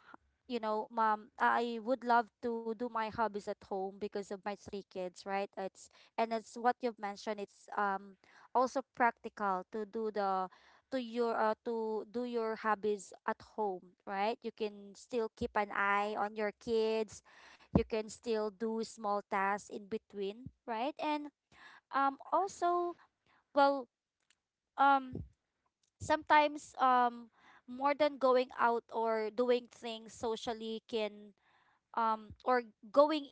you know, mom, I would love to do my hobbies at home because of my three kids, right? It's and it's what you've mentioned. It's also practical to do the to do your hobbies at home, right? You can still keep an eye on your kids. You can still do small tasks in between, right? And also, well, um sometimes, more than going out or doing things socially, can or going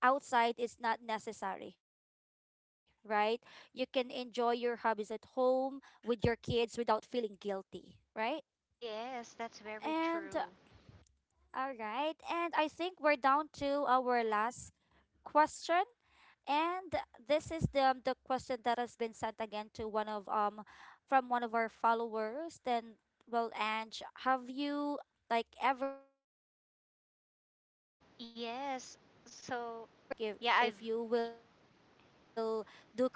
outside is not necessary, right? You can enjoy your hobbies at home with your kids without feeling guilty, right? Yes, that's And very true. all right. And I think we're down to our last question. And this is the question that has been sent again to one of from one of our followers. Then well, Ange, have you like ever turned, well, I think we've already Yes. tackled this one, So, like yeah, if I've, you will do crochet, right?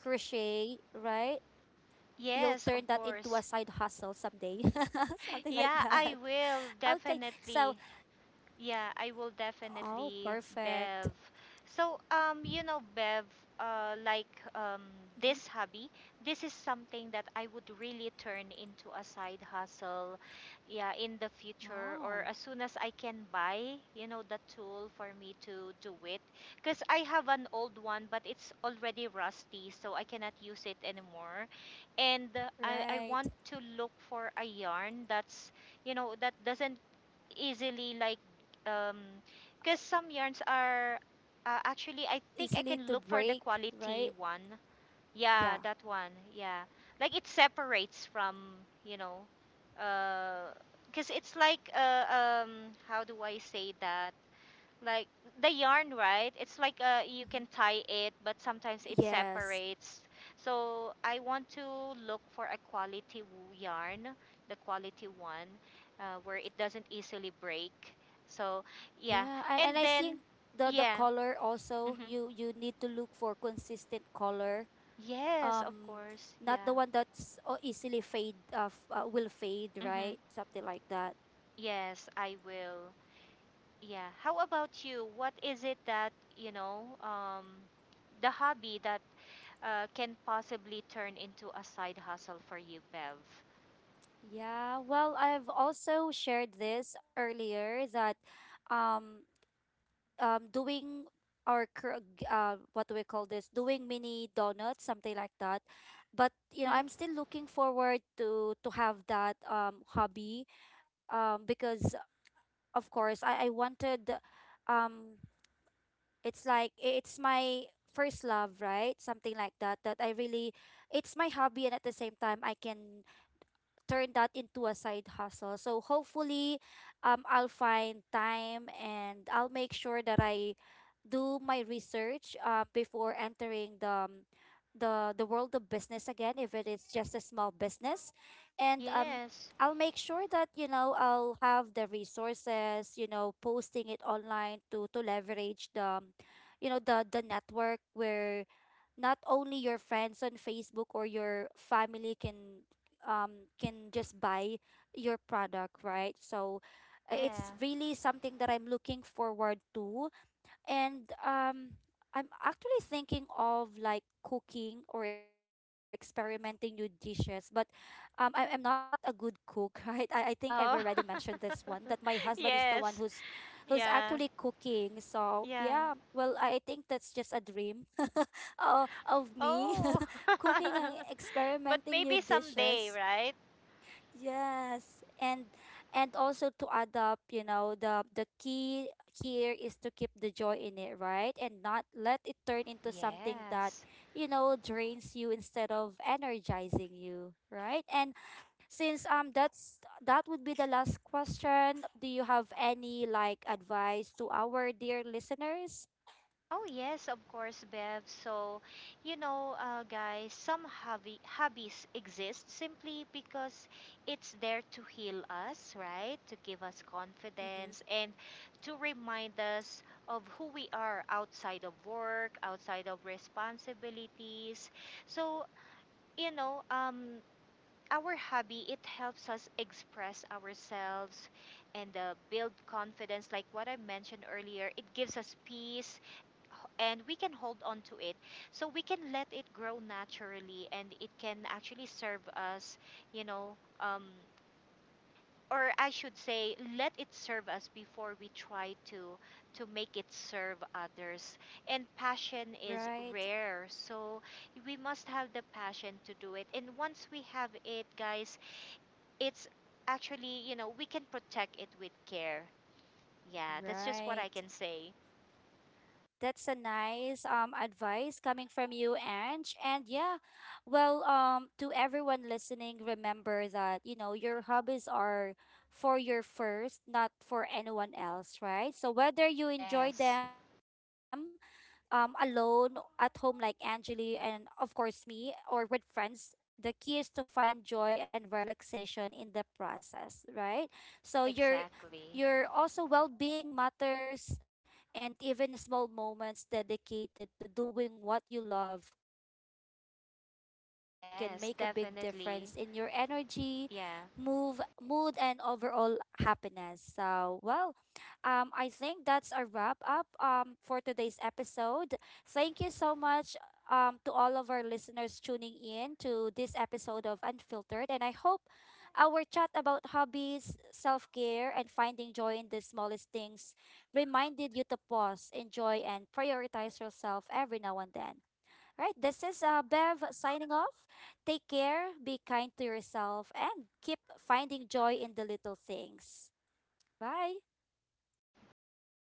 You'll turn that into a side yes, hustle of course. someday. Something like that. Yeah, I Okay. will So, definitely. Yeah, I will oh definitely, perfect. Bev. So, you know, Bev, uh, like um, Mm-hmm. this hobby, this is something that I would really turn into a side hustle, yeah, in the future or Wow. as soon as I can buy, you know, the tool for me to do it. Because I have an old one, but it's already rusty, so I cannot use it anymore. And I Right. want to look for a yarn that's you know that doesn't easily like um because some yarns are actually I think I Easily can to look for the break, quality right? one. Yeah, Yeah. that one. Yeah. Like it separates from, you know, uh because it's like how do I say that? Like the yarn, right? It's like you Hmm. can tie it but sometimes it Yes. separates, so I want to look for a quality yarn, the quality one, where it doesn't easily break. So yeah, Yeah, and and I then think the yeah. color also hmm you need to look for consistent color. yes, of Um, course. not the Yeah. one that's easily fade of will fade, hmm right? Something like that. yes, I will. Yeah. How about you? What is it that, you know, the hobby that can possibly turn into a side hustle for you, Bev? Yeah, well, I've also shared this earlier that um doing our what do we call this, doing mini donuts, something like that. But you know Mm-hmm. I'm still looking forward to have that hobby, because of course I wanted um it's like it's my first love, right, something like that, that I really, it's my hobby, and at the same time I can turn that into a side hustle. So hopefully, I'll find time, and I'll make sure that I do my research before entering the world of business again, if it is just a small business. And Yes. I'll make sure that you know I'll have the resources, you know, posting it online to leverage the you know the network, where not only your friends on Facebook or your family can just buy your product, right? So it's Yeah. really something that I'm looking forward to. And I'm actually thinking of like cooking or experimenting new dishes, but I am not a good cook, right? I think I've already mentioned Oh. this one, that my husband is the one who's Yes. who's actually Yeah. cooking. So Yeah. yeah, well, I think that's just a dream of me. Oh. Cooking and But experimenting new maybe someday, dishes. right? Yes, and also to adopt, you know, the key here is to keep the joy in it, right? And not let it turn into something that, Yes. you know, drains you instead of energizing you, right? And since that's that would be the last question, do you have any like advice to our dear listeners? Oh yes, of course, Bev. So, you know, guys, some hobby hobbies exist simply because it's there to heal us, right? To give us Mm-hmm. confidence and to remind us of who we are outside of work, outside of responsibilities. So, you know, our hobby it helps us express ourselves and build confidence, like what I mentioned earlier. It gives us peace, and we can hold on to it, so we can let it grow naturally, and it can actually serve us, you know, um, or I should say let it serve us before we try to make it serve others. And passion is Right, rare, so we must have the passion to do it, and once we have it, guys, it's actually, you know, we can protect it with care. Yeah, that's just what I right. can say. That's a nice advice coming from you, Ange. And yeah, well, to everyone listening, remember that, you know, your hobbies are for your first, not for anyone else, right? So whether you enjoy Yes, them alone at home like Angeli and of course me, or with friends, the key is to find joy and relaxation in the process, right? So your also exactly. well-being matters, and even small moments dedicated to doing what you love can make a big difference in your energy, move, Yes, mood and definitely. overall happiness. Yeah. So, well, I think that's a wrap up for today's episode. Thank you so much, to all of our listeners tuning in to this episode of Unfiltered. And I hope our chat about hobbies, self care, and finding joy in the smallest things reminded you to pause, enjoy, and prioritize yourself every now and then. Right, this is Bev signing off. Take care, be kind to yourself, and keep finding joy in the little things. Bye. Bye.